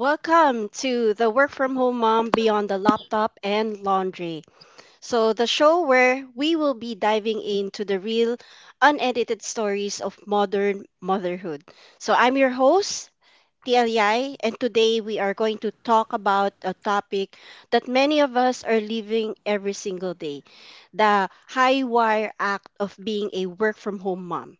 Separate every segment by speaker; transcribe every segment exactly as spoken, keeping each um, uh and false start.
Speaker 1: Welcome to the Work From Home Mom Beyond the Laptop and Laundry. So, the show where we will be diving into the real, unedited stories of modern motherhood. So, I'm your host, T L I, and today we are going to talk about a topic that many of us are living every single day, the high wire act of being a work from home mom.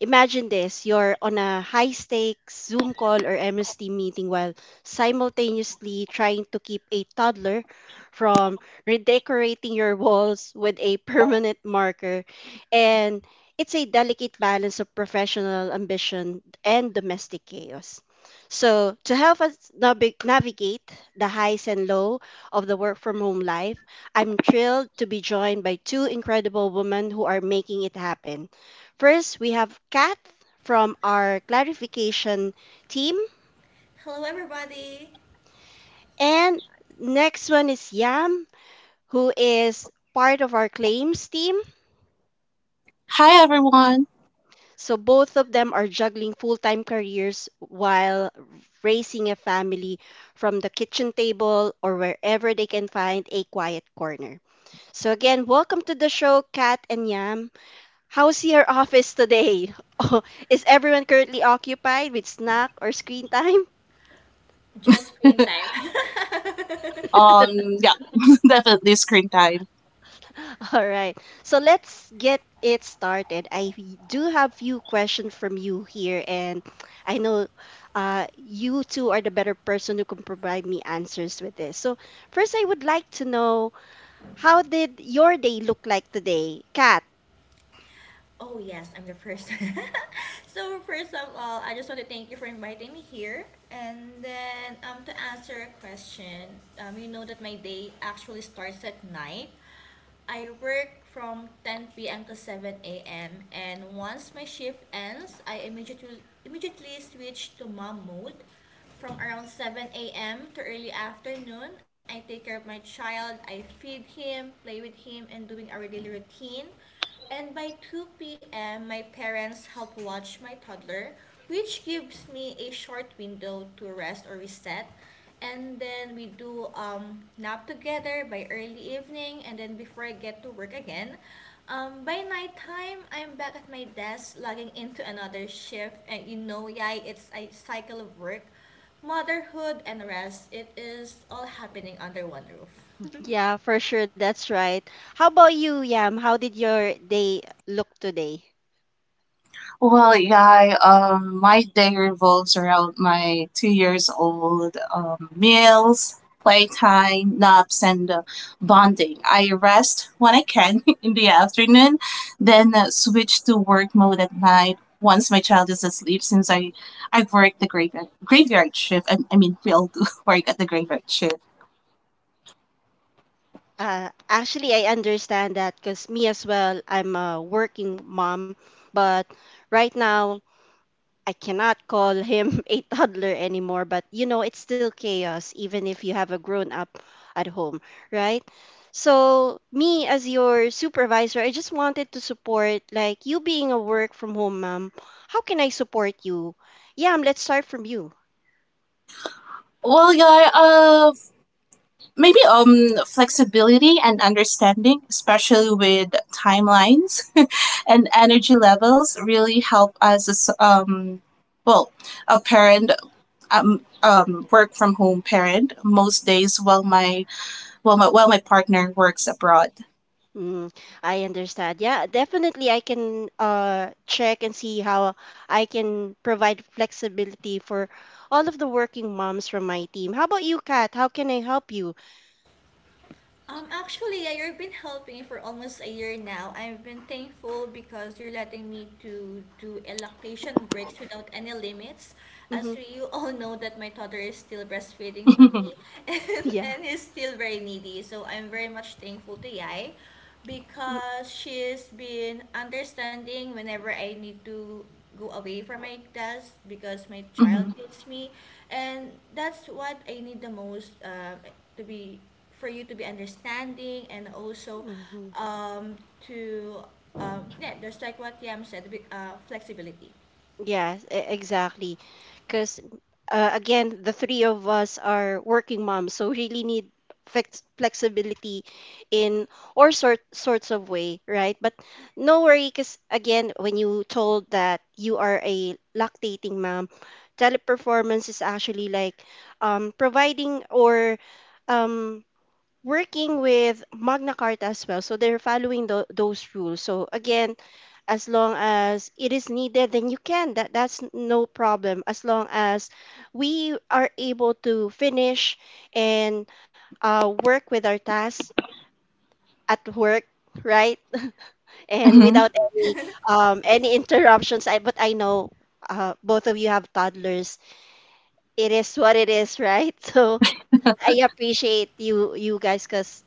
Speaker 1: Imagine this, you're on a high stakes Zoom call or M S T meeting while simultaneously trying to keep a toddler from redecorating your walls with a permanent marker. And it's a delicate balance of professional ambition and domestic chaos. So, to help us navi- navigate the highs and low of the work from home life, I'm thrilled to be joined by two incredible women who are making it happen. First, we have Kat from our clarification team.
Speaker 2: Hello, everybody.
Speaker 1: And next one is Yam, who is part of our claims team.
Speaker 3: Hi everyone.
Speaker 1: So both of them are juggling full time careers while raising a family from the kitchen table or wherever they can find a quiet corner. So, again, welcome to the show, Kat and Yam. How's your office today? Is everyone currently occupied with snack or screen time?
Speaker 2: Just screen time.
Speaker 3: Um yeah, definitely screen time.
Speaker 1: All right. So let's get it started. I do have few questions from you here, and I know uh, you two are the better person who can provide me answers with this. So first, I would like to know, how did your day look like today, Kat?
Speaker 2: oh, yes, I'm the first. So, first of all, I just want to thank you for inviting me here. And then, um, to answer a question, um, you know that my day actually starts at night. I work from ten p m to seven a m. And once my shift ends, I immediately immediately switch to mom mode. From around seven a m to early afternoon, I take care of my child. I feed him, play with him, and doing our daily routine. And by two p m, my parents help watch my toddler, which gives me a short window to rest or reset. And then we do um, nap together by early evening and then before I get to work again. Um, by nighttime, I'm back at my desk logging into another shift, and you know, yay, it's a cycle of work, motherhood, and rest. It is all happening under one roof.
Speaker 1: Yeah, for sure. That's right. How about you, Yam? How did your day look today?
Speaker 3: Well, yeah, um my day revolves around my two years old um meals, playtime, naps and uh, bonding. I rest when I can in the afternoon, then uh, switch to work mode at night once my child is asleep since I I work the graveyard graveyard shift, and I mean we all do work at the graveyard shift.
Speaker 1: Uh, actually, I understand that because me as well, I'm a working mom, but right now I cannot call him a toddler anymore, but you know, it's still chaos, even if you have a grown up at home, right? So, me as your supervisor, I just wanted to support, like, you being a work from home mom, how can I support you? Yeah, um, let's start from you.
Speaker 3: Well, yeah, uh, maybe um flexibility and understanding, especially with timelines and energy levels really help us as um well a parent um, um work from home parent most days while my while my while my partner works abroad.
Speaker 1: Mm, I understand. Yeah, definitely I can uh, check and see how I can provide flexibility for all of the working moms from my team. How about you, Kat? How can I help you?
Speaker 2: Um, actually, yeah, you've been helping for almost a year now. I've been thankful because you're letting me to do a lactation breaks without any limits.
Speaker 1: Mm-hmm.
Speaker 2: As we, you all know that my toddler is still breastfeeding for me and,
Speaker 1: Yeah.
Speaker 2: and is still very needy. So I'm very much thankful to Yai because she's been understanding whenever I need to go away from my desk because my child
Speaker 3: Mhm.
Speaker 2: needs me. And that's what I need the most uh, to be, for you to be understanding and also
Speaker 1: Mm-hmm.
Speaker 2: um, to um, yeah, just like what Yam said, be- uh, flexibility.
Speaker 1: Yes, e- exactly. Because uh, again, the three of us are working moms, so really need flex- flexibility in or sort sorts of way, right? But no worry, because again, when you told that you are a lactating mom, teleperformance is actually like um, providing or um, working with Magna Carta as well. So they're following tho- those rules. So again, as long as it is needed then you can that that's no problem as long as we are able to finish and uh, work with our tasks at work, right, and
Speaker 2: Yep.
Speaker 3: Mhm.
Speaker 1: without any um, any interruptions. I, but i know uh, both of you have toddlers, it is what it is, right? So I appreciate you you guys because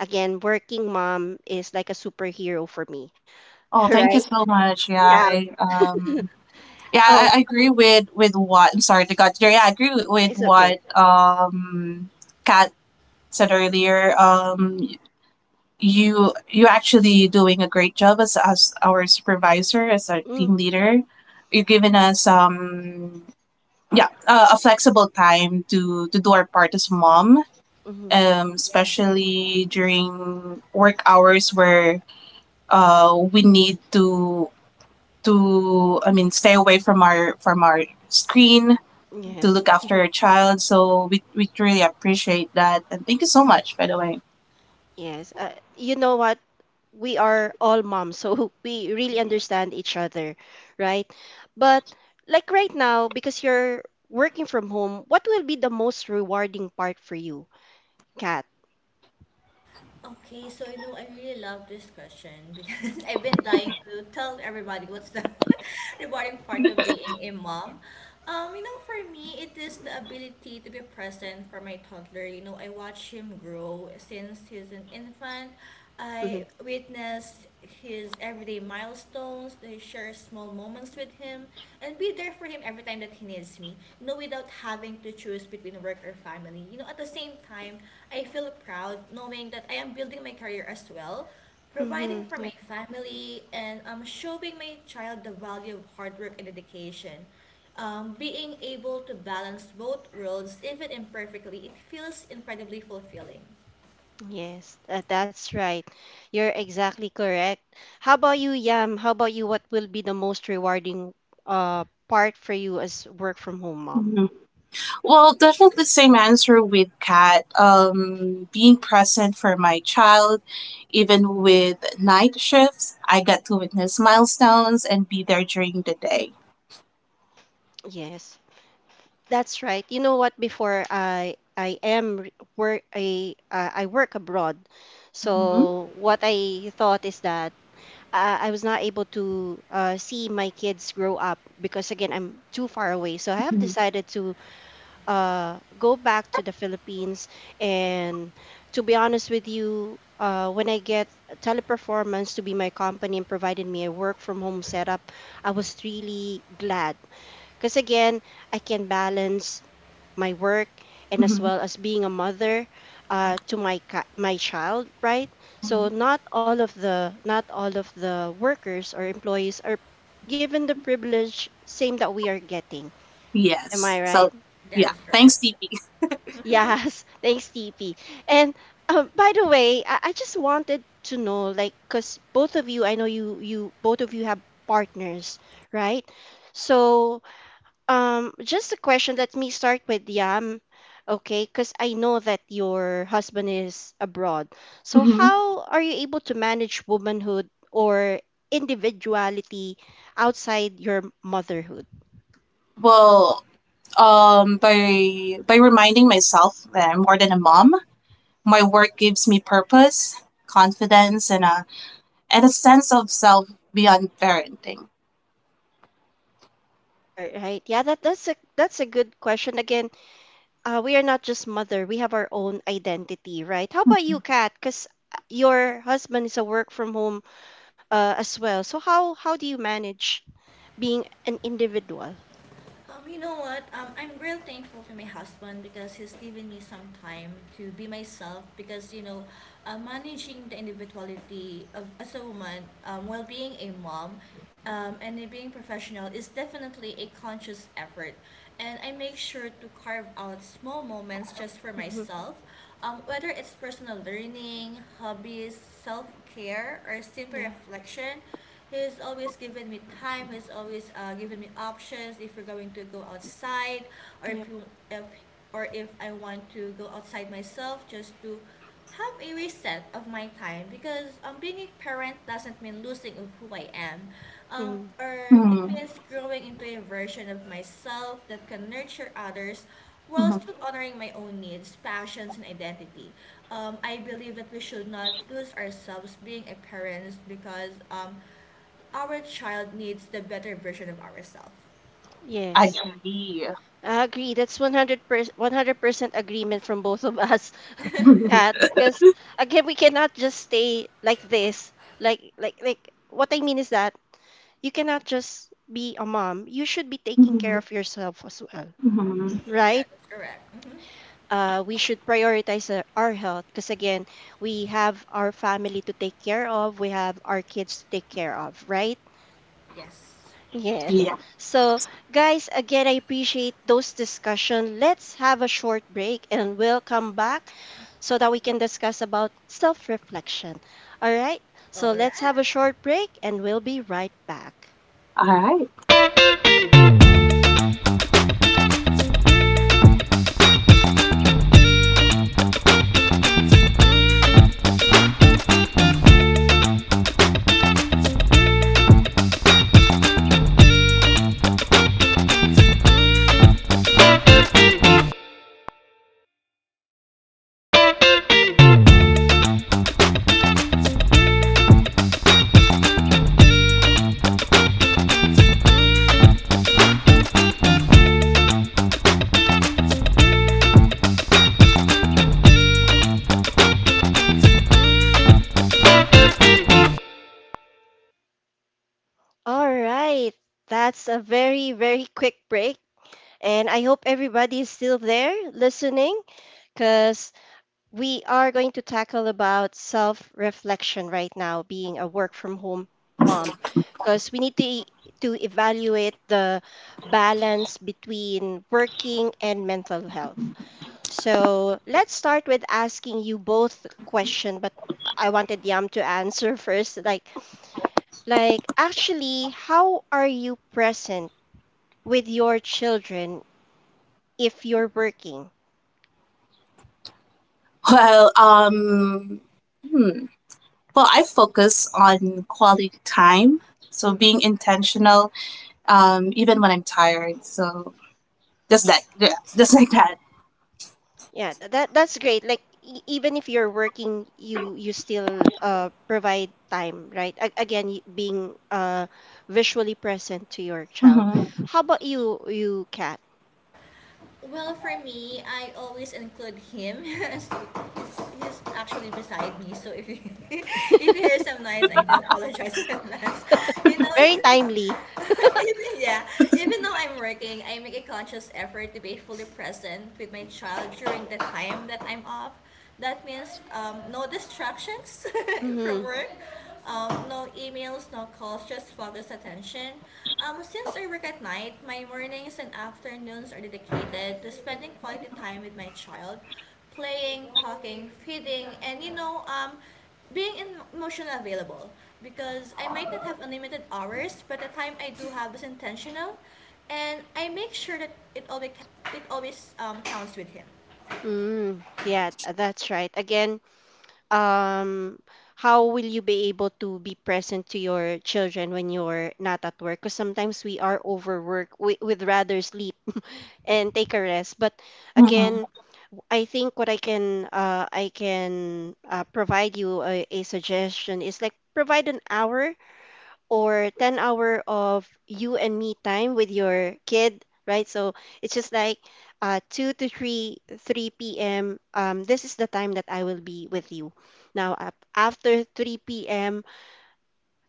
Speaker 1: again, working mom is like a superhero for me.
Speaker 3: Oh, thank
Speaker 1: Right.
Speaker 3: you so much. Yeah,
Speaker 1: Yeah.
Speaker 3: I, um, yeah, I,
Speaker 1: Oh,
Speaker 3: I agree with with what. I'm sorry, to got there. Yeah, I agree with
Speaker 1: it's okay.
Speaker 3: what um Kat said earlier. Um, you you're actually doing a great job as as our supervisor, as our
Speaker 1: Mm,
Speaker 3: team leader. You're giving us um yeah uh, a flexible time to to do our part as mom,
Speaker 1: mm-hmm.
Speaker 3: um
Speaker 2: Yes.
Speaker 3: especially during work hours where uh we need to to I mean, stay away from our from our screen to
Speaker 1: Yes,
Speaker 3: look after our child, so we we truly appreciate that. And thank you so much, by the way.
Speaker 1: yes. Uh, you know what? We are all moms, so we really understand each other, right? But like right now, because you're working from home, what will be the most rewarding part for you, Kat?
Speaker 2: Okay, so you know I really love this question because I've been dying to tell everybody what's the rewarding part of being a mom. Um, you know, for me it is the ability to be present for my toddler. You know, I watch him grow since he's an infant.
Speaker 1: Mm-hmm.
Speaker 2: I witness his everyday milestones, I share small moments with him, and be there for him every time that he needs me. You know, without having to choose between work or family. You know, at the same time, I feel proud knowing that I am building my career as well, providing
Speaker 1: Mm-hmm.
Speaker 2: for
Speaker 1: Yep.
Speaker 2: my family, and um, showing my child the value of hard work and dedication. Um, being able to balance both worlds, even imperfectly, it feels incredibly fulfilling.
Speaker 1: Yes, uh, that's right. You're exactly correct. How about you, Yam? How about you? What will be the most rewarding uh part for you as work from home mom?
Speaker 3: Mhm. Well, definitely same answer with Kat. Um, being present for my child, even with night shifts, I got to witness milestones and be there during the day.
Speaker 1: Yes. That's right. You know what? Before I I am re- work I uh, I work abroad,
Speaker 3: Hmm.
Speaker 1: so what I thought is that uh, I was not able to uh, see my kids grow up because again I'm too far away. So I have
Speaker 3: Hmm.
Speaker 1: decided to uh, go back to the Philippines, and to be honest with you. Uh, when I get Teleperformance to be my company and provided me a work from home setup, I was really glad because again I can balance my work, and as
Speaker 3: Hmm.
Speaker 1: well as being a mother uh, to my ca- my child, right? So not all of the not all of the workers or employees are given the privilege same that we are getting. Am
Speaker 3: Yes.
Speaker 1: I
Speaker 3: So,
Speaker 1: right?
Speaker 2: That
Speaker 3: yeah.
Speaker 2: is correct.
Speaker 3: Thanks, D P.
Speaker 1: Yes. Thanks, T P. And um, by the way, I, I just wanted to know, like, cause both of you, I know you you both of you have partners, right? So um, just a question. Let me start with Yam, okay? Because I know that your husband is abroad. So
Speaker 3: Hmm.
Speaker 1: how are you able to manage womanhood or individuality outside your motherhood?
Speaker 3: Well, um, by by reminding myself that I'm more than a mom. My work gives me purpose, confidence, and a and a sense of self beyond parenting.
Speaker 1: All right. Yeah, that that's a that's a good question. Again, uh, we are not just mother. We have our own identity, right? How about you, Kat? Because your husband is a work from home uh, as well. So how how do you manage being an individual?
Speaker 2: Um, you know what? Um, I'm real thankful to my husband because he's given me some time to be myself. Because you know, uh, managing the individuality of, as a woman um, while being a mom, um, and being professional is definitely a conscious effort. And I make sure to carve out small moments just for
Speaker 1: Mm-hmm.
Speaker 2: myself, um, whether it's personal learning, hobbies, self care, or simple
Speaker 1: Yeah.
Speaker 2: reflection. He's always given me time. He's always uh, given me options if we're going to go outside, or
Speaker 1: Yeah.
Speaker 2: if you if or if I want to go outside myself just to have a reset of my time, because um, being a parent doesn't mean losing of who I am, um,
Speaker 1: Mm,
Speaker 2: or it
Speaker 3: Hmm.
Speaker 2: means growing into a version of myself that can nurture others while
Speaker 3: Hmm.
Speaker 2: still honoring my own needs, passions, and identity. Um, I believe that we should not lose ourselves being a parent because um, our child needs the better version of ourselves.
Speaker 1: yes.
Speaker 3: Agree.
Speaker 1: I agree. That's one hundred percent one hundred percent agreement from both of us, Kat. Because again, we cannot just stay like this. Like like like what I mean is that you cannot just be a mom. You should be taking care
Speaker 3: Mhm.
Speaker 1: of yourself as well,
Speaker 3: Mhm.
Speaker 2: Mhm,
Speaker 1: right?
Speaker 2: that is correct. Hmm.
Speaker 1: Uh, we should prioritize uh, our health because again, we have our family to take care of, we have our kids to take care of, right?
Speaker 2: Yes.
Speaker 1: Yes.
Speaker 3: Yeah.
Speaker 1: So, guys, again, I appreciate those discussion. Let's have a short break and we'll come back so that we can discuss about self-reflection. All right? So,
Speaker 2: All right.
Speaker 1: let's have a short break and we'll be right back.
Speaker 3: All right.
Speaker 1: All right. That's a very, very quick break. And I hope everybody is still there listening because we are going to tackle about self-reflection right now, being a work from home mom, because we need to e, to evaluate the balance between working and mental health. So let's start with asking you both the question, but I wanted Yam to answer first. Like, like actually, how are you present with your children if you're working?
Speaker 3: Well, um, hmm. well, I focus on quality time, so
Speaker 1: Hmm.
Speaker 3: being intentional, um, even when I'm tired. So just that, yeah, just like that.
Speaker 1: Yeah, th- that that's great. Like e- even if you're working, you you still uh provide time, right? A- again, y- being uh visually present to your child.
Speaker 3: Hmm.
Speaker 1: How about you, you cat?
Speaker 2: Well, for me, I always include him. he's, he's actually beside me, so if you if you hear some noise, I do apologize in advance. You know,
Speaker 1: Very timely.
Speaker 2: even, yeah, even though I'm working, I make a conscious effort to be fully present with my child during the time that I'm off. That means um, no distractions from
Speaker 1: Mm-hmm.
Speaker 2: work, um, no emails, no calls, just focused attention. Um, since I work at night, my mornings and afternoons are dedicated to spending quality time with my child, playing, talking, feeding, and you know, um, being emotionally available. Because I might not have unlimited hours, but the time I do have is intentional, and I make sure that it always it always um, counts with him.
Speaker 1: Mm-hmm. Yeah, th- that's right. Again, um, how will you be able to be present to your children when you're not at work? Because sometimes we are overworked. We would rather sleep and take a rest, but
Speaker 3: Hmm.
Speaker 1: again, I think what I can uh, I can uh, provide you a, a suggestion is like provide an hour or ten hour of you and me time with your kid, right? So it's just like uh, two to 3 3 p.m, um, this is the time that I will be with you. Now up after three p.m,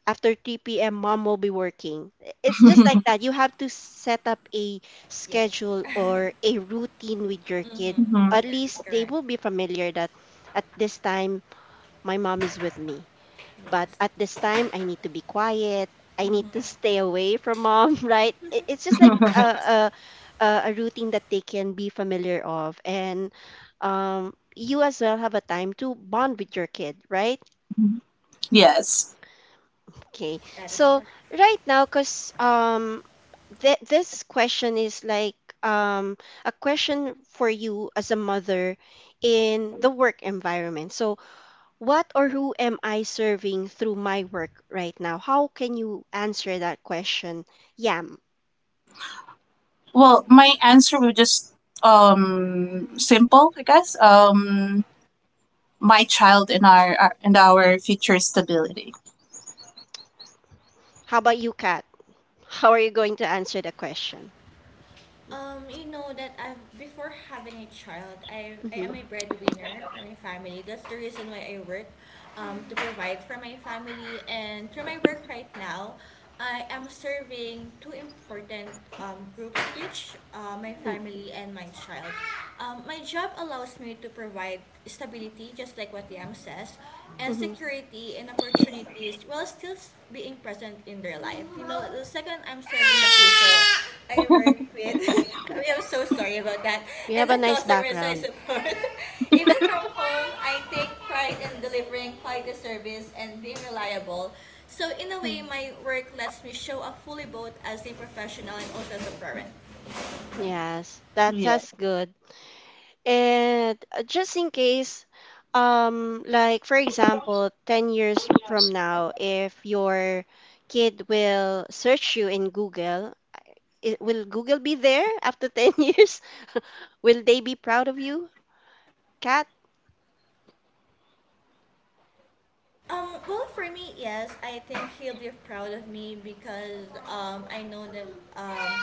Speaker 1: after three p m mom will be working. It's just like that. You have to set up a
Speaker 2: Yeah,
Speaker 1: schedule or a routine with your kid. At
Speaker 2: that is
Speaker 1: least they
Speaker 2: correct.
Speaker 1: will be familiar that at this time my mom is with me. But
Speaker 2: Yes.
Speaker 1: at this time I need to be quiet. I need to stay away from mom, right? It- It's just like
Speaker 3: Hmm.
Speaker 1: a a, a a routine that they can be familiar of and um you as well have a time to bond with your kid, right?
Speaker 3: Yes.
Speaker 1: Okay.
Speaker 2: That is
Speaker 1: So
Speaker 2: her.
Speaker 1: right now because um. th- this question is like um, a question for you as a mother in the work environment. So, what or who am I serving through my work right now? How can you answer that question? Yam.
Speaker 3: Well, my answer was just um simple, I guess. Um, my child and our, our and our future stability.
Speaker 1: How about you, Kat? How are you going to answer the question?
Speaker 2: Um, you know that I've before having a child, I I
Speaker 1: Mm-hmm.
Speaker 2: am a breadwinner for my family. That's the reason why I work, um, to provide for my family. And through my work right now, I am serving two important um, groups, which uh, my
Speaker 1: Mm-hmm.
Speaker 2: family and my child. Um, my job allows me to provide stability, just like what Liam says, and
Speaker 1: Mm-hmm.
Speaker 2: security and opportunities while still s- being present in their life. You know, the second I'm serving the people I work with. I mean, I'm so sorry about that.
Speaker 1: We
Speaker 2: And
Speaker 1: have
Speaker 2: the
Speaker 1: a nice
Speaker 2: customers I
Speaker 1: background.
Speaker 2: support. Even from home, I take pride in delivering quality service and being reliable. So in a way,
Speaker 1: Mm.
Speaker 2: my work lets me show up fully both as a professional and also as a parent.
Speaker 1: Yes, that's
Speaker 3: Yeah.
Speaker 1: that's good. And uh, just in case, um, like for example, ten years from now, if your kid will search you in Google, it will Google be there after ten years? Will they be proud of you, Kat?
Speaker 2: Um, well, for me, yes, I think he'll be proud of me because um, I know that um,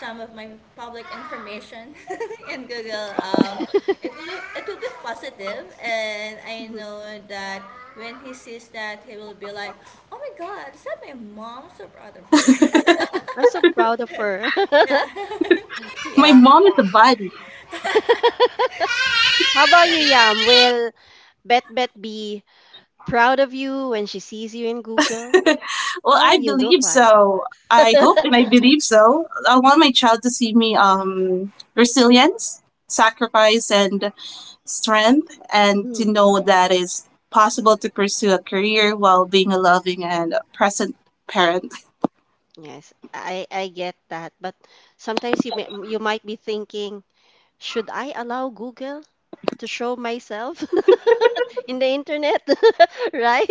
Speaker 2: some of my public information in Google um, it will it will be positive, and I
Speaker 1: Mhm.
Speaker 2: know that when he sees that, he will be like, "Oh my God, is that my mom? So proud of her."
Speaker 1: I'm so proud of her.
Speaker 2: Yeah,
Speaker 3: My
Speaker 1: Yeah.
Speaker 3: mom is a body.
Speaker 1: How about you, Yam? Will Bet Bet be proud of you when she sees you in Google?
Speaker 3: Well,
Speaker 1: How will
Speaker 3: I
Speaker 1: you
Speaker 3: believe
Speaker 1: look like?
Speaker 3: so. I hope and I believe so. I want my child to see me um resilience, sacrifice, and strength, and to
Speaker 1: Mm.
Speaker 3: know that it's possible to pursue a career while being a loving and present parent.
Speaker 1: Yes, I I get that, but sometimes you may, you might be thinking, should I allow Google to show myself in the internet? Right?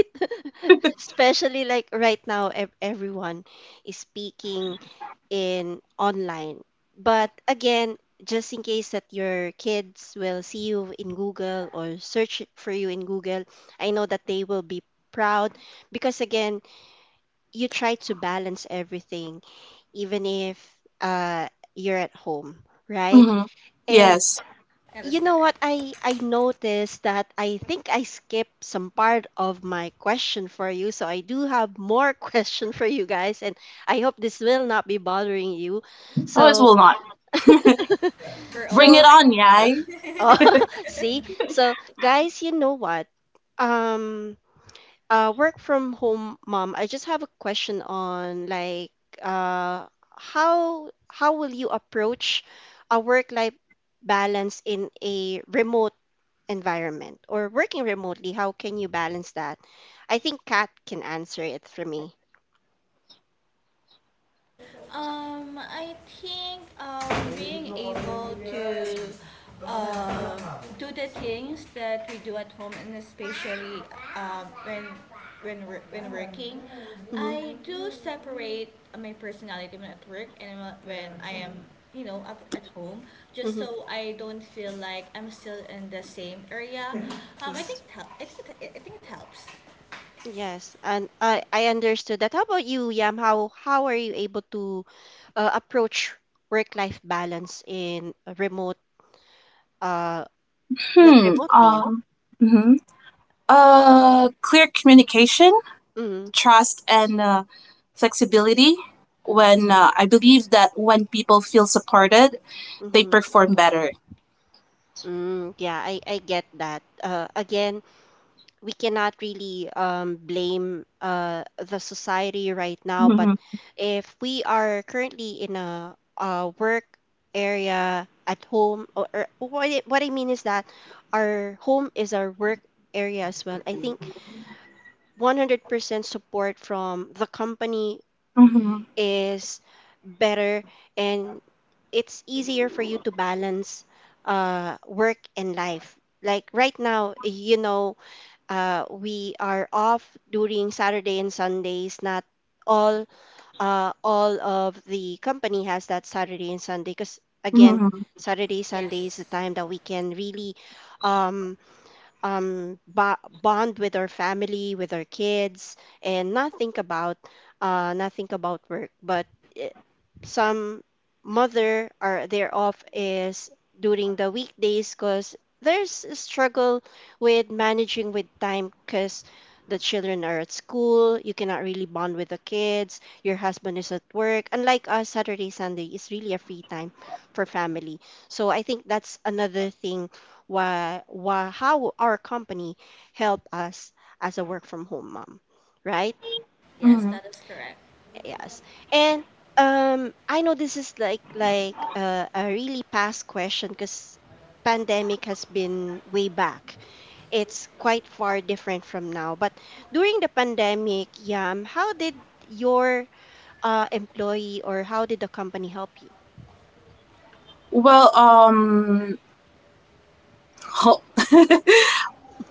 Speaker 1: Especially like right now, ev- everyone is speaking in online. But again, just in case that your kids will see you in Google or search for you in Google, I know that they will be proud because again, you try to balance everything, even if uh, you're at home, right?
Speaker 3: Hmm.
Speaker 1: And
Speaker 3: Yes.
Speaker 2: that is
Speaker 1: you know
Speaker 2: correct.
Speaker 1: what? I I noticed that I think I skipped some part of my question for you, so I do have more question for you guys, and I hope this will not be bothering you.
Speaker 3: Always
Speaker 1: So
Speaker 3: will not.
Speaker 2: We're
Speaker 3: Bring
Speaker 2: always
Speaker 3: it
Speaker 1: so
Speaker 3: on,
Speaker 2: ready.
Speaker 3: yay.
Speaker 1: oh, see, so guys, you know what? Um, uh, work from home, mom. I just have a question on like uh how how will you approach a work life balance in a remote environment or working remotely, how can you balance that? I think Kat can answer it for me.
Speaker 2: Um, I think um, being able to do the things that we do at home and especially um, when when we're, when working,
Speaker 1: Mm-hmm.
Speaker 2: I do separate my personality when at work and when- I am, you know, up at home, just
Speaker 1: Mm-hmm.
Speaker 2: so I don't feel like I'm still in the same area. um, I think
Speaker 1: Yes.
Speaker 2: it helps. I think it, I think it helps.
Speaker 1: Yes. And I I understood that. How about you, Yam? How how are you able to uh, approach work-life balance in a remote uh like
Speaker 3: Hmm.
Speaker 1: remotely?
Speaker 3: Hmm. Uh, clear communication,
Speaker 1: Mm-hmm.
Speaker 3: trust, and uh, flexibility. When, uh, I believe that when people feel supported, they
Speaker 1: Mm-hmm.
Speaker 3: perform better.
Speaker 1: Mm, yeah, I I get that. Uh, again, we cannot really um, blame uh, the society right now. But
Speaker 3: Hmm.
Speaker 1: if we are currently in a, uh work area at home, or, or what, I- what I mean is that our home is our work area as well. I think one hundred percent support from the company
Speaker 3: Hmm.
Speaker 1: is better, and it's easier for you to balance uh, work and life. Like right now, you know, uh, we are off during Saturday and Sundays. Not all uh, all of the company has that Saturday and Sunday because again,
Speaker 3: Hmm.
Speaker 1: Saturday Sunday is the
Speaker 2: Yes.
Speaker 1: time that we can really um, um, ba- bond with our family, with our kids, and not think about uh, not think about work. But eh, some mother are their off is during the weekdays because there's a struggle with managing with time because the children are at school. You cannot really bond with the kids. Your husband is at work. Unlike us, Saturday Sunday is really a free time for family. So I think that's another thing why, why, how our company helped us as a work from home mom, right?
Speaker 2: Yes,
Speaker 3: Hmm.
Speaker 2: that is correct.
Speaker 1: Yes. And um, I know this is like like uh, a really past question because pandemic has been way back. It's quite far different from now. But during the pandemic, Yam, how did your uh, employee or how did the company help you?
Speaker 3: Well, um, ho-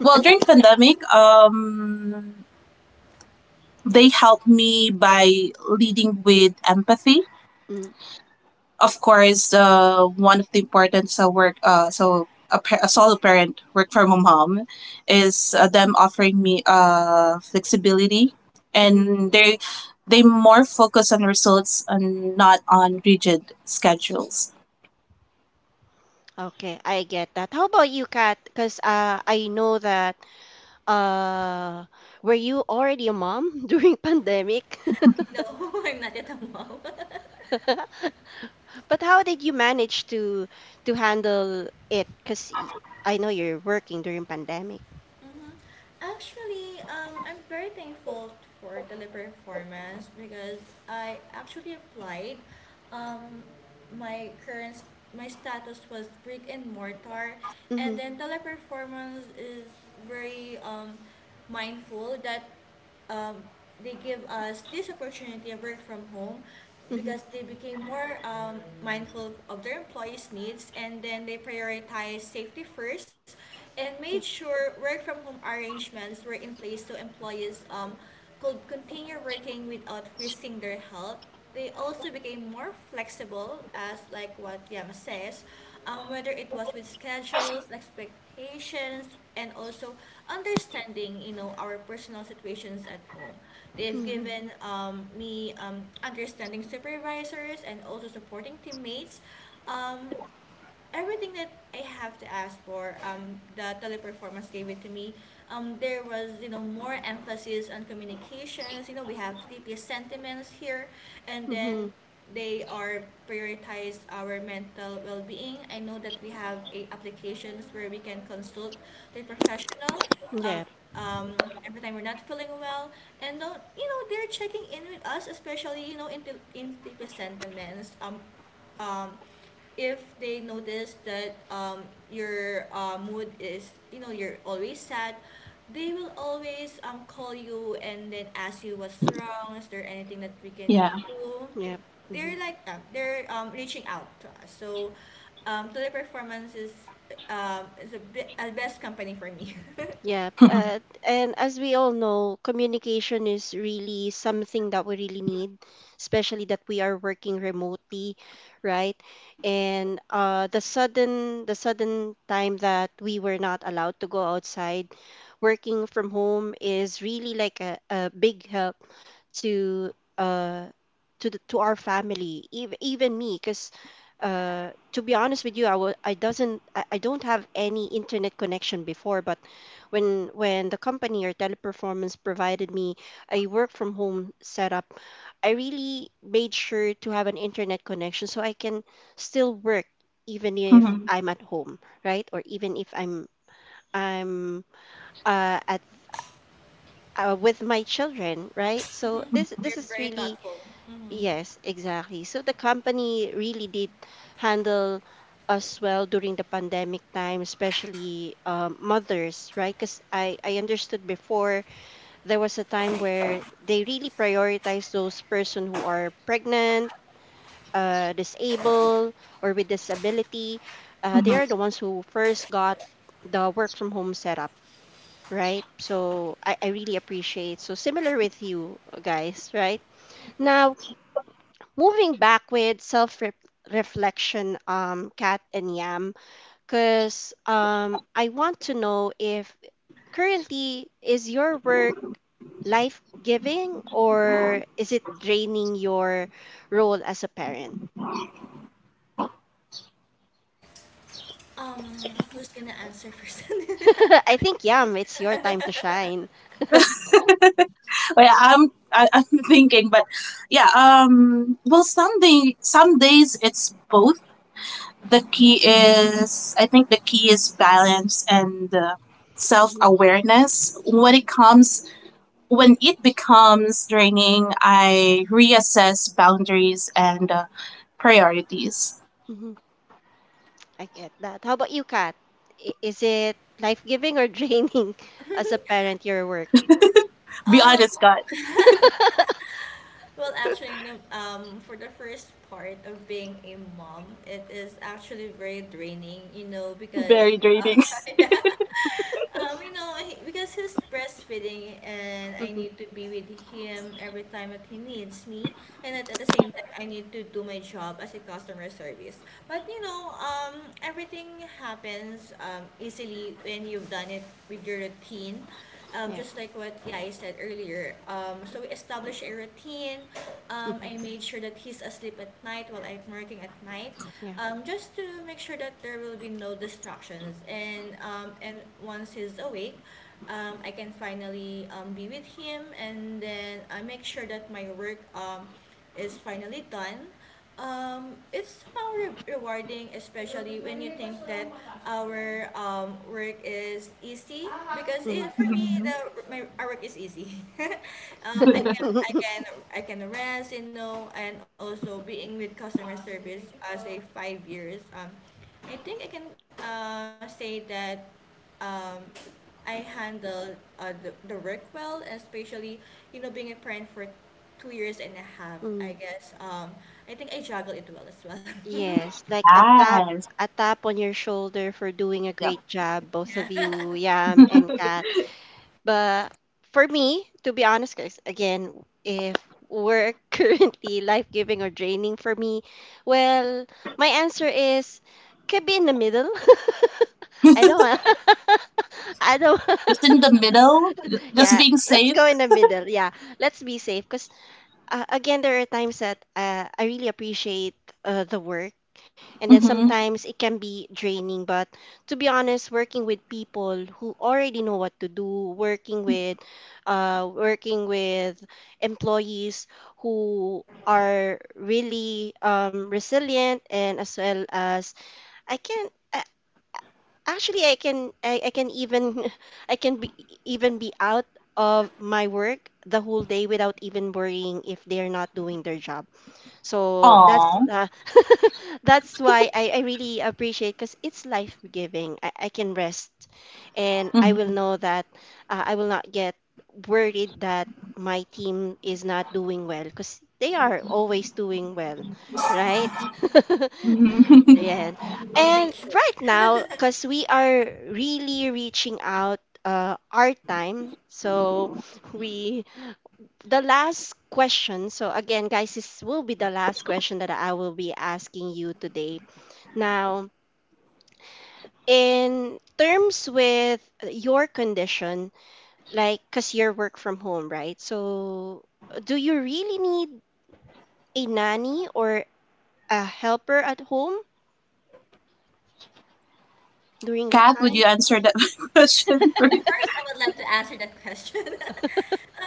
Speaker 3: well, during pandemic, um, they helped me by leading with empathy,
Speaker 1: Mm.
Speaker 3: of course. Uh, one of the importance of work, uh, so a, par- a solo parent work from home is uh, them offering me uh, flexibility,
Speaker 1: Mm-hmm.
Speaker 3: and they they more focus on results and not on rigid schedules.
Speaker 1: Okay, I get that. How about you, Kat? Because uh, I know that Uh, were you already a mom during pandemic?
Speaker 2: No, I'm not yet a mom.
Speaker 1: But how did you manage to to handle it? Because I know you're working during pandemic.
Speaker 2: Mm-hmm. Actually, um, I'm very thankful for the live performance because I actually applied, um, my current, my status was brick and mortar, and
Speaker 1: Mm-hmm.
Speaker 2: then teleperformance is very um, mindful that um, they give us this opportunity of work from home
Speaker 1: Mm-hmm.
Speaker 2: because they became more um, mindful of their employees' needs, and then they prioritized safety first and made
Speaker 1: Yep.
Speaker 2: sure work from home arrangements were in place so employees um, could continue working without risking their health. They also became more flexible, as like what Yama says, um, whether it was with schedules, expectations, and also understanding, you know, our personal situations at home. They've
Speaker 1: Mm-hmm.
Speaker 2: given um, me um, understanding supervisors and also supporting teammates. um, Everything that I have to ask for, um, the teleperformance gave it to me. Um, there was, you know, more emphasis on communications. You know, we have T P S sentiments here, and then
Speaker 1: Mm-hmm.
Speaker 2: they are prioritize our mental well-being. I know that we have a applications where we can consult the professional. Um,
Speaker 1: Yep.
Speaker 2: um, every time we're not feeling well, and uh, you know they're checking in with us, especially you know in the in T P S sentiments. Um, um, if they notice that um, your uh, mood is, you know, you're always sad, they will always um, call you and then ask you what's wrong, is there anything that we can
Speaker 3: Yeah.
Speaker 2: do.
Speaker 1: Yep. Mm-hmm.
Speaker 2: They're like that, they're um, reaching out to us. So um, teleperformance is um, is a, be- a best company for me.
Speaker 1: Yeah, uh, and as we all know, communication is really something that we really need, especially that we are working remotely, right? And uh, the sudden the sudden time that we were not allowed to go outside, working from home is really like a, a big help to uh to the, to our family, even even me, because uh to be honest with you, I wa- I doesn't I I don't have any internet connection before, but when when the company or teleperformance provided me a work from home setup, I really made sure to have an internet connection so I can still work even if
Speaker 3: Mhm.
Speaker 1: I'm at home, right? Or even if I'm I'm uh, at uh, with my children, right? So this this
Speaker 2: They're
Speaker 1: is
Speaker 2: very
Speaker 1: really,
Speaker 2: thoughtful. Mm-hmm.
Speaker 1: yes, exactly, so the company really did handle us well during the pandemic time, especially um, mothers, right? Because I, I understood before there was a time where they really prioritize those person who are pregnant, uh, disabled or with disability. Uh, they
Speaker 3: Mhm.
Speaker 1: are the ones who first got the work from home setup, right? So I, I really appreciate, so similar with you guys right now. Moving back with self reflection, um Kat and Yam, because um I want to know if currently, is your work life giving or is it draining your role as a parent?
Speaker 2: um Who's gonna answer first?
Speaker 1: I think, Yam, it's your time to shine.
Speaker 3: Well, I'm I, I'm thinking, but yeah. Um. Well, some day, some days it's both. The key is I think the key is balance and uh,
Speaker 1: Hmm.
Speaker 3: self-awareness. When it comes when it becomes draining, I reassess boundaries and uh, priorities.
Speaker 1: Hmm. I get that. How about you, Kat? I- Is it life giving or draining as a parent, your work?
Speaker 3: Be honest, God,
Speaker 2: Well, actually, no- um, for the first part of being a mom, it is actually very draining, you know, because
Speaker 3: very
Speaker 2: uh,
Speaker 3: draining.
Speaker 2: yeah, um, you know, he- because he's breastfeeding and I
Speaker 1: Mm-hmm.
Speaker 2: need to be with him every time that he needs me, and at, at the same time, I need to do my job as a customer service. But you know, um, everything happens um, easily when you've done it with your routine, um,
Speaker 1: Yeah.
Speaker 2: just like what Yai said earlier. Um, so we established a routine. Um,
Speaker 1: Hmm.
Speaker 2: I made sure that he's asleep at night while I'm working at night,
Speaker 1: Yeah.
Speaker 2: um, just to make sure that there will be no distractions. And um, and once he's awake, um, I can finally um, be with him, and then I make sure that my work um, is finally done. Um, it's somehow re- rewarding, especially when you think that our um, work is easy. Because it,
Speaker 1: Mhm.
Speaker 2: for me, the my, our work is easy. um, I can I can I can rest, you know, and also being with customer service as a five years. Um, I think I can uh, say that um, I handle uh, the, the work well, especially, you know, being a parent for two years and a half, I
Speaker 1: Mm.
Speaker 2: guess. Um, I think I juggle it well as well.
Speaker 1: Yes, like a tap,
Speaker 3: Yes,
Speaker 1: a tap on your shoulder for doing a
Speaker 3: yeah.
Speaker 1: great job, both
Speaker 2: Yeah,
Speaker 1: of you, Yam and Kat. But for me, to be honest, guys, again, if work currently life giving or draining for me, well, my answer is could be in the middle. I
Speaker 3: Just
Speaker 1: don't want. I don't.
Speaker 3: in the middle, just
Speaker 1: Yeah,
Speaker 3: being
Speaker 1: let's
Speaker 3: safe.
Speaker 1: go in the middle. Yeah, let's be safe. Cause uh, again, there are times that uh, I really appreciate uh, the work, and then
Speaker 3: Mm-hmm.
Speaker 1: sometimes it can be draining, but to be honest, working with people who already know what to do, working with uh working with employees who are really um resilient, and as well as I can a- actually I can I, I can even I can be even be out of my work the whole day without even worrying if they're not doing their job, so that's
Speaker 3: Aww.
Speaker 1: uh, that's why I, I really appreciate because it's life giving. I, I can rest and I will know that uh, I will not get worried that my team is not doing well because they are always doing well, right?
Speaker 3: Mm-hmm.
Speaker 1: Yeah.
Speaker 2: we make
Speaker 1: And
Speaker 2: sure.
Speaker 1: right now, because we are really reaching out uh, our time, so we the last question. So again, guys, this will be the last question that I will be asking you today. Now, in terms with your condition, like cuz you're work from home, right? So, do you really need a nanny or a helper at home during that
Speaker 3: Kat, would
Speaker 1: time?
Speaker 3: you answer that question
Speaker 2: Of
Speaker 3: first?
Speaker 2: course, I would love to answer that question.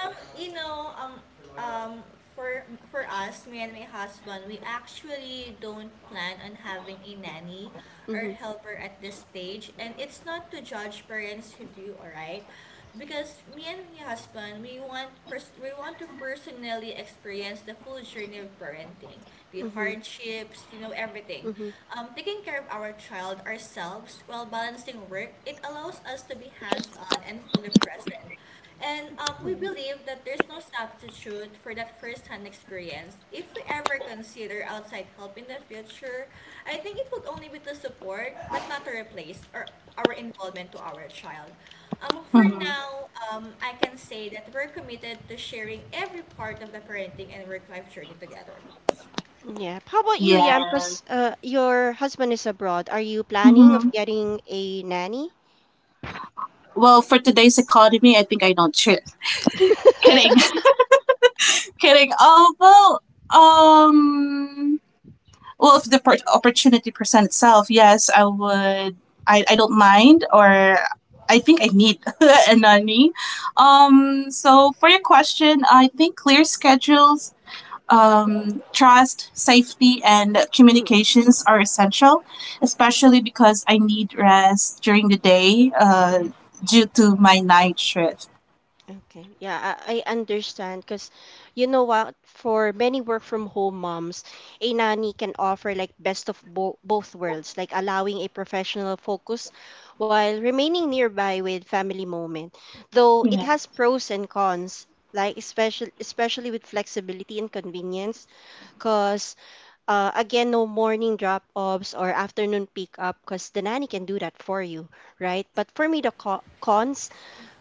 Speaker 2: Um, you know, um, um, for for us, me and my husband, we actually don't plan on having a nanny or
Speaker 1: Mhm.
Speaker 2: helper at this stage, and it's not to judge parents who do, all right? Because me and my husband, we want pers- we want to personally experience the full journey of parenting, the
Speaker 1: Mhm.
Speaker 2: hardships, you know, everything.
Speaker 1: Mhm.
Speaker 2: Um, taking care of our child ourselves while balancing work, it allows us to be hands-on and fully present, and um, we
Speaker 1: Mhm.
Speaker 2: believe that there's no substitute for that first-hand experience. If we ever consider outside help in the future, I think it would only be to support, but not to replace our, our involvement to our child. Um, for
Speaker 3: Mm-hmm.
Speaker 2: now, um, I can say that we're committed to sharing every part of the parenting and work-life journey together.
Speaker 1: Yeah. How about you,
Speaker 3: Yeah.
Speaker 1: Yam? Because uh, your husband is abroad. Are you planning of
Speaker 3: Mm-hmm.
Speaker 1: getting a nanny?
Speaker 3: Well, for today's economy, I think I don't trip. Kidding. Kidding. Oh, well, um, well, if the per- opportunity present itself, yes, I would. I, I don't mind, or I think I need a nanny. Um, so for your question, I think clear schedules, um, trust, safety, and
Speaker 1: Mm-mm.
Speaker 3: communications are essential, especially because I need rest during the day, uh, due to my night shift.
Speaker 1: Okay. Yeah, I, I understand because you know what? For many work from home moms, a nanny can offer like best of bo- both worlds, like allowing a professional focus while remaining nearby with family moment. Though it
Speaker 3: Yeah.
Speaker 1: has pros and cons, like especially especially with flexibility and convenience, because uh, again, no morning drop-offs or afternoon pick-up, because the nanny can do that for you, right? But for me, the co- cons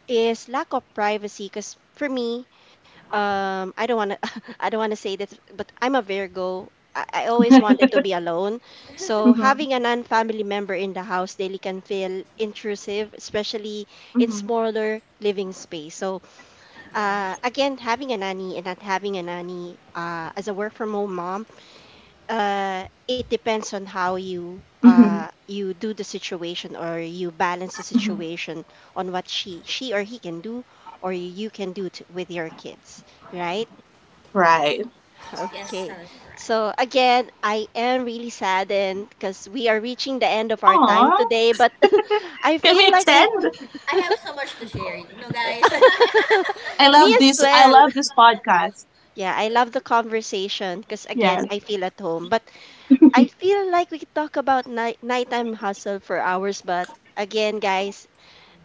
Speaker 1: is lack of privacy. Because for me, um I don't want to I don't want to say this, but I'm a Virgo. I, I always wanted to be alone, so
Speaker 3: Mhm.
Speaker 1: having a non-family member in the house daily can feel intrusive, especially in
Speaker 3: Mhm.
Speaker 1: smaller living space. So
Speaker 2: Yeah.
Speaker 1: uh, again, having a nanny and not having a nanny uh, as a work from home mom, uh, it depends on how you uh
Speaker 3: Mhm.
Speaker 1: you do the situation or you balance the
Speaker 3: Mhm.
Speaker 1: situation on what she she or he can do or you can do to, with your kids, right?
Speaker 3: Right.
Speaker 2: Yes,
Speaker 1: Okay.
Speaker 2: that is right.
Speaker 1: So again, I am really saddened because we are reaching the end of our time
Speaker 3: Aw,
Speaker 1: today, but I
Speaker 3: can
Speaker 1: feel
Speaker 3: we
Speaker 1: like
Speaker 2: Yeah.
Speaker 1: we
Speaker 3: extend?
Speaker 2: I have so much to share. No, guys.
Speaker 3: I
Speaker 1: me
Speaker 3: love
Speaker 1: as
Speaker 3: this. I
Speaker 1: well.
Speaker 3: love this podcast.
Speaker 1: Yeah, I love the conversation because
Speaker 3: Yes.
Speaker 1: again, I feel at home. But I feel like we could talk about night nighttime hustle for hours, but again, guys,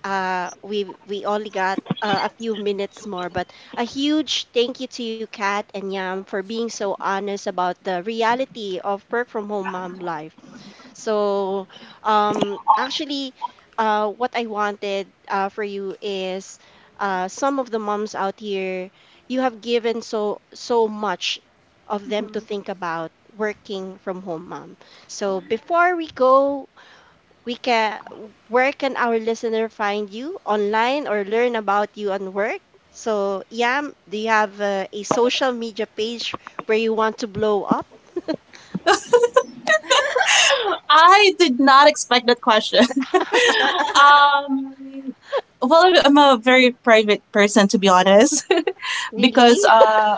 Speaker 1: uh, we we only got uh, a few minutes more. But a huge thank you to you, Kat and Yam, for being so honest about the reality of work from home mom life. So, um, actually, uh, what I wanted uh, for you is uh, some of the moms out here, you have given so so much of them to
Speaker 3: Mhm.
Speaker 1: think about working from home, mom. So before we go, we can where can our listener find you online or learn about you on work? So, Yam, do you have uh, a social media page where you want to blow up?
Speaker 3: I did not expect that question. um, well, I'm I'm a very private person, to be honest.
Speaker 1: Really?
Speaker 3: because uh,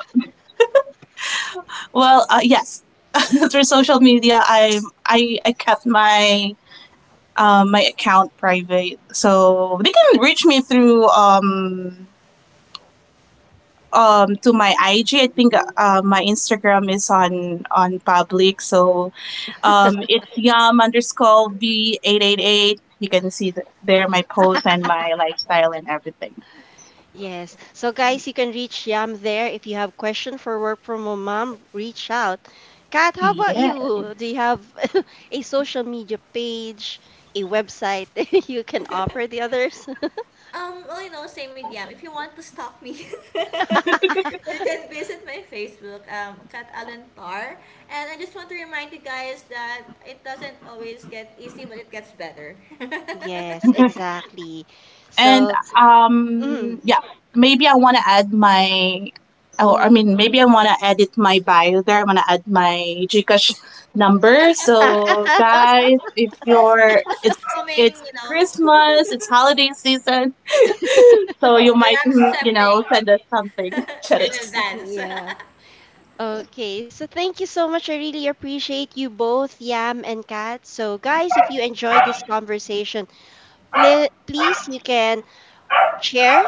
Speaker 3: well, uh, yes, through social media, I I I kept my um my account private, so they can reach me through um um to my I G. I think uh, my Instagram is on on public, so um it's yum underscore b eight eight eight. You can see th- there my posts and my lifestyle and everything.
Speaker 1: Yes. So guys, you can reach Yam there. If you have question for work from a mom, reach out. Kat, how about
Speaker 3: Yeah.
Speaker 1: you? Do you have a social media page, a website that you can offer the others?
Speaker 2: um, Well, you know, same with Yam. If you want to stop me, you can visit my Facebook, um, Kat Allen Tar. And I just want to remind you guys that it doesn't always get easy, but it gets better.
Speaker 1: Yes, exactly.
Speaker 3: And
Speaker 1: So, mm,
Speaker 3: um, yeah, maybe I want to add my, oh, I
Speaker 1: mhm,
Speaker 3: mean, maybe I want to edit my bio there. I want to add my Gcash number. So guys, if
Speaker 2: Since
Speaker 3: you're,
Speaker 2: Christmas
Speaker 3: it's
Speaker 2: is coming,
Speaker 3: it's
Speaker 2: you know,
Speaker 3: Christmas, it's holiday season, so you might,
Speaker 2: we're
Speaker 3: mm, you know,
Speaker 2: accepting
Speaker 3: send us something.
Speaker 2: in
Speaker 3: Charis.
Speaker 2: advance.
Speaker 1: yeah. Okay, so thank you so much. I really appreciate you both, Yam and Kat. So, guys, if you enjoyed this conversation, pl- please you can share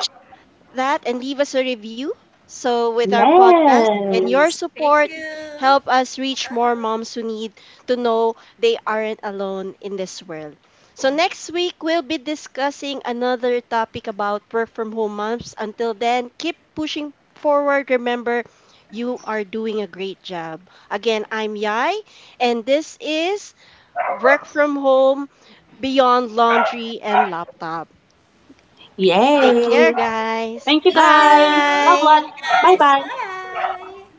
Speaker 1: that and leave us a review. So with our podcast and your
Speaker 3: Yes.
Speaker 2: Thank
Speaker 1: support,
Speaker 2: you.
Speaker 1: help us reach
Speaker 2: Uh-huh.
Speaker 1: more moms who need to know they aren't alone in this world. So next week we'll be discussing another topic about work from home moms. Until then, keep pushing forward. Remember, you are doing a great job. Again, I'm Yai, and this is Work from Home Beyond Laundry and Laptop. Take
Speaker 3: Yes.
Speaker 1: care, guys.
Speaker 3: Thank you
Speaker 2: Thank
Speaker 3: guys.
Speaker 2: you.
Speaker 3: Love lots.
Speaker 2: Thank
Speaker 1: Bye.
Speaker 2: you
Speaker 3: Bye
Speaker 2: guys.
Speaker 3: bye.
Speaker 2: Bye.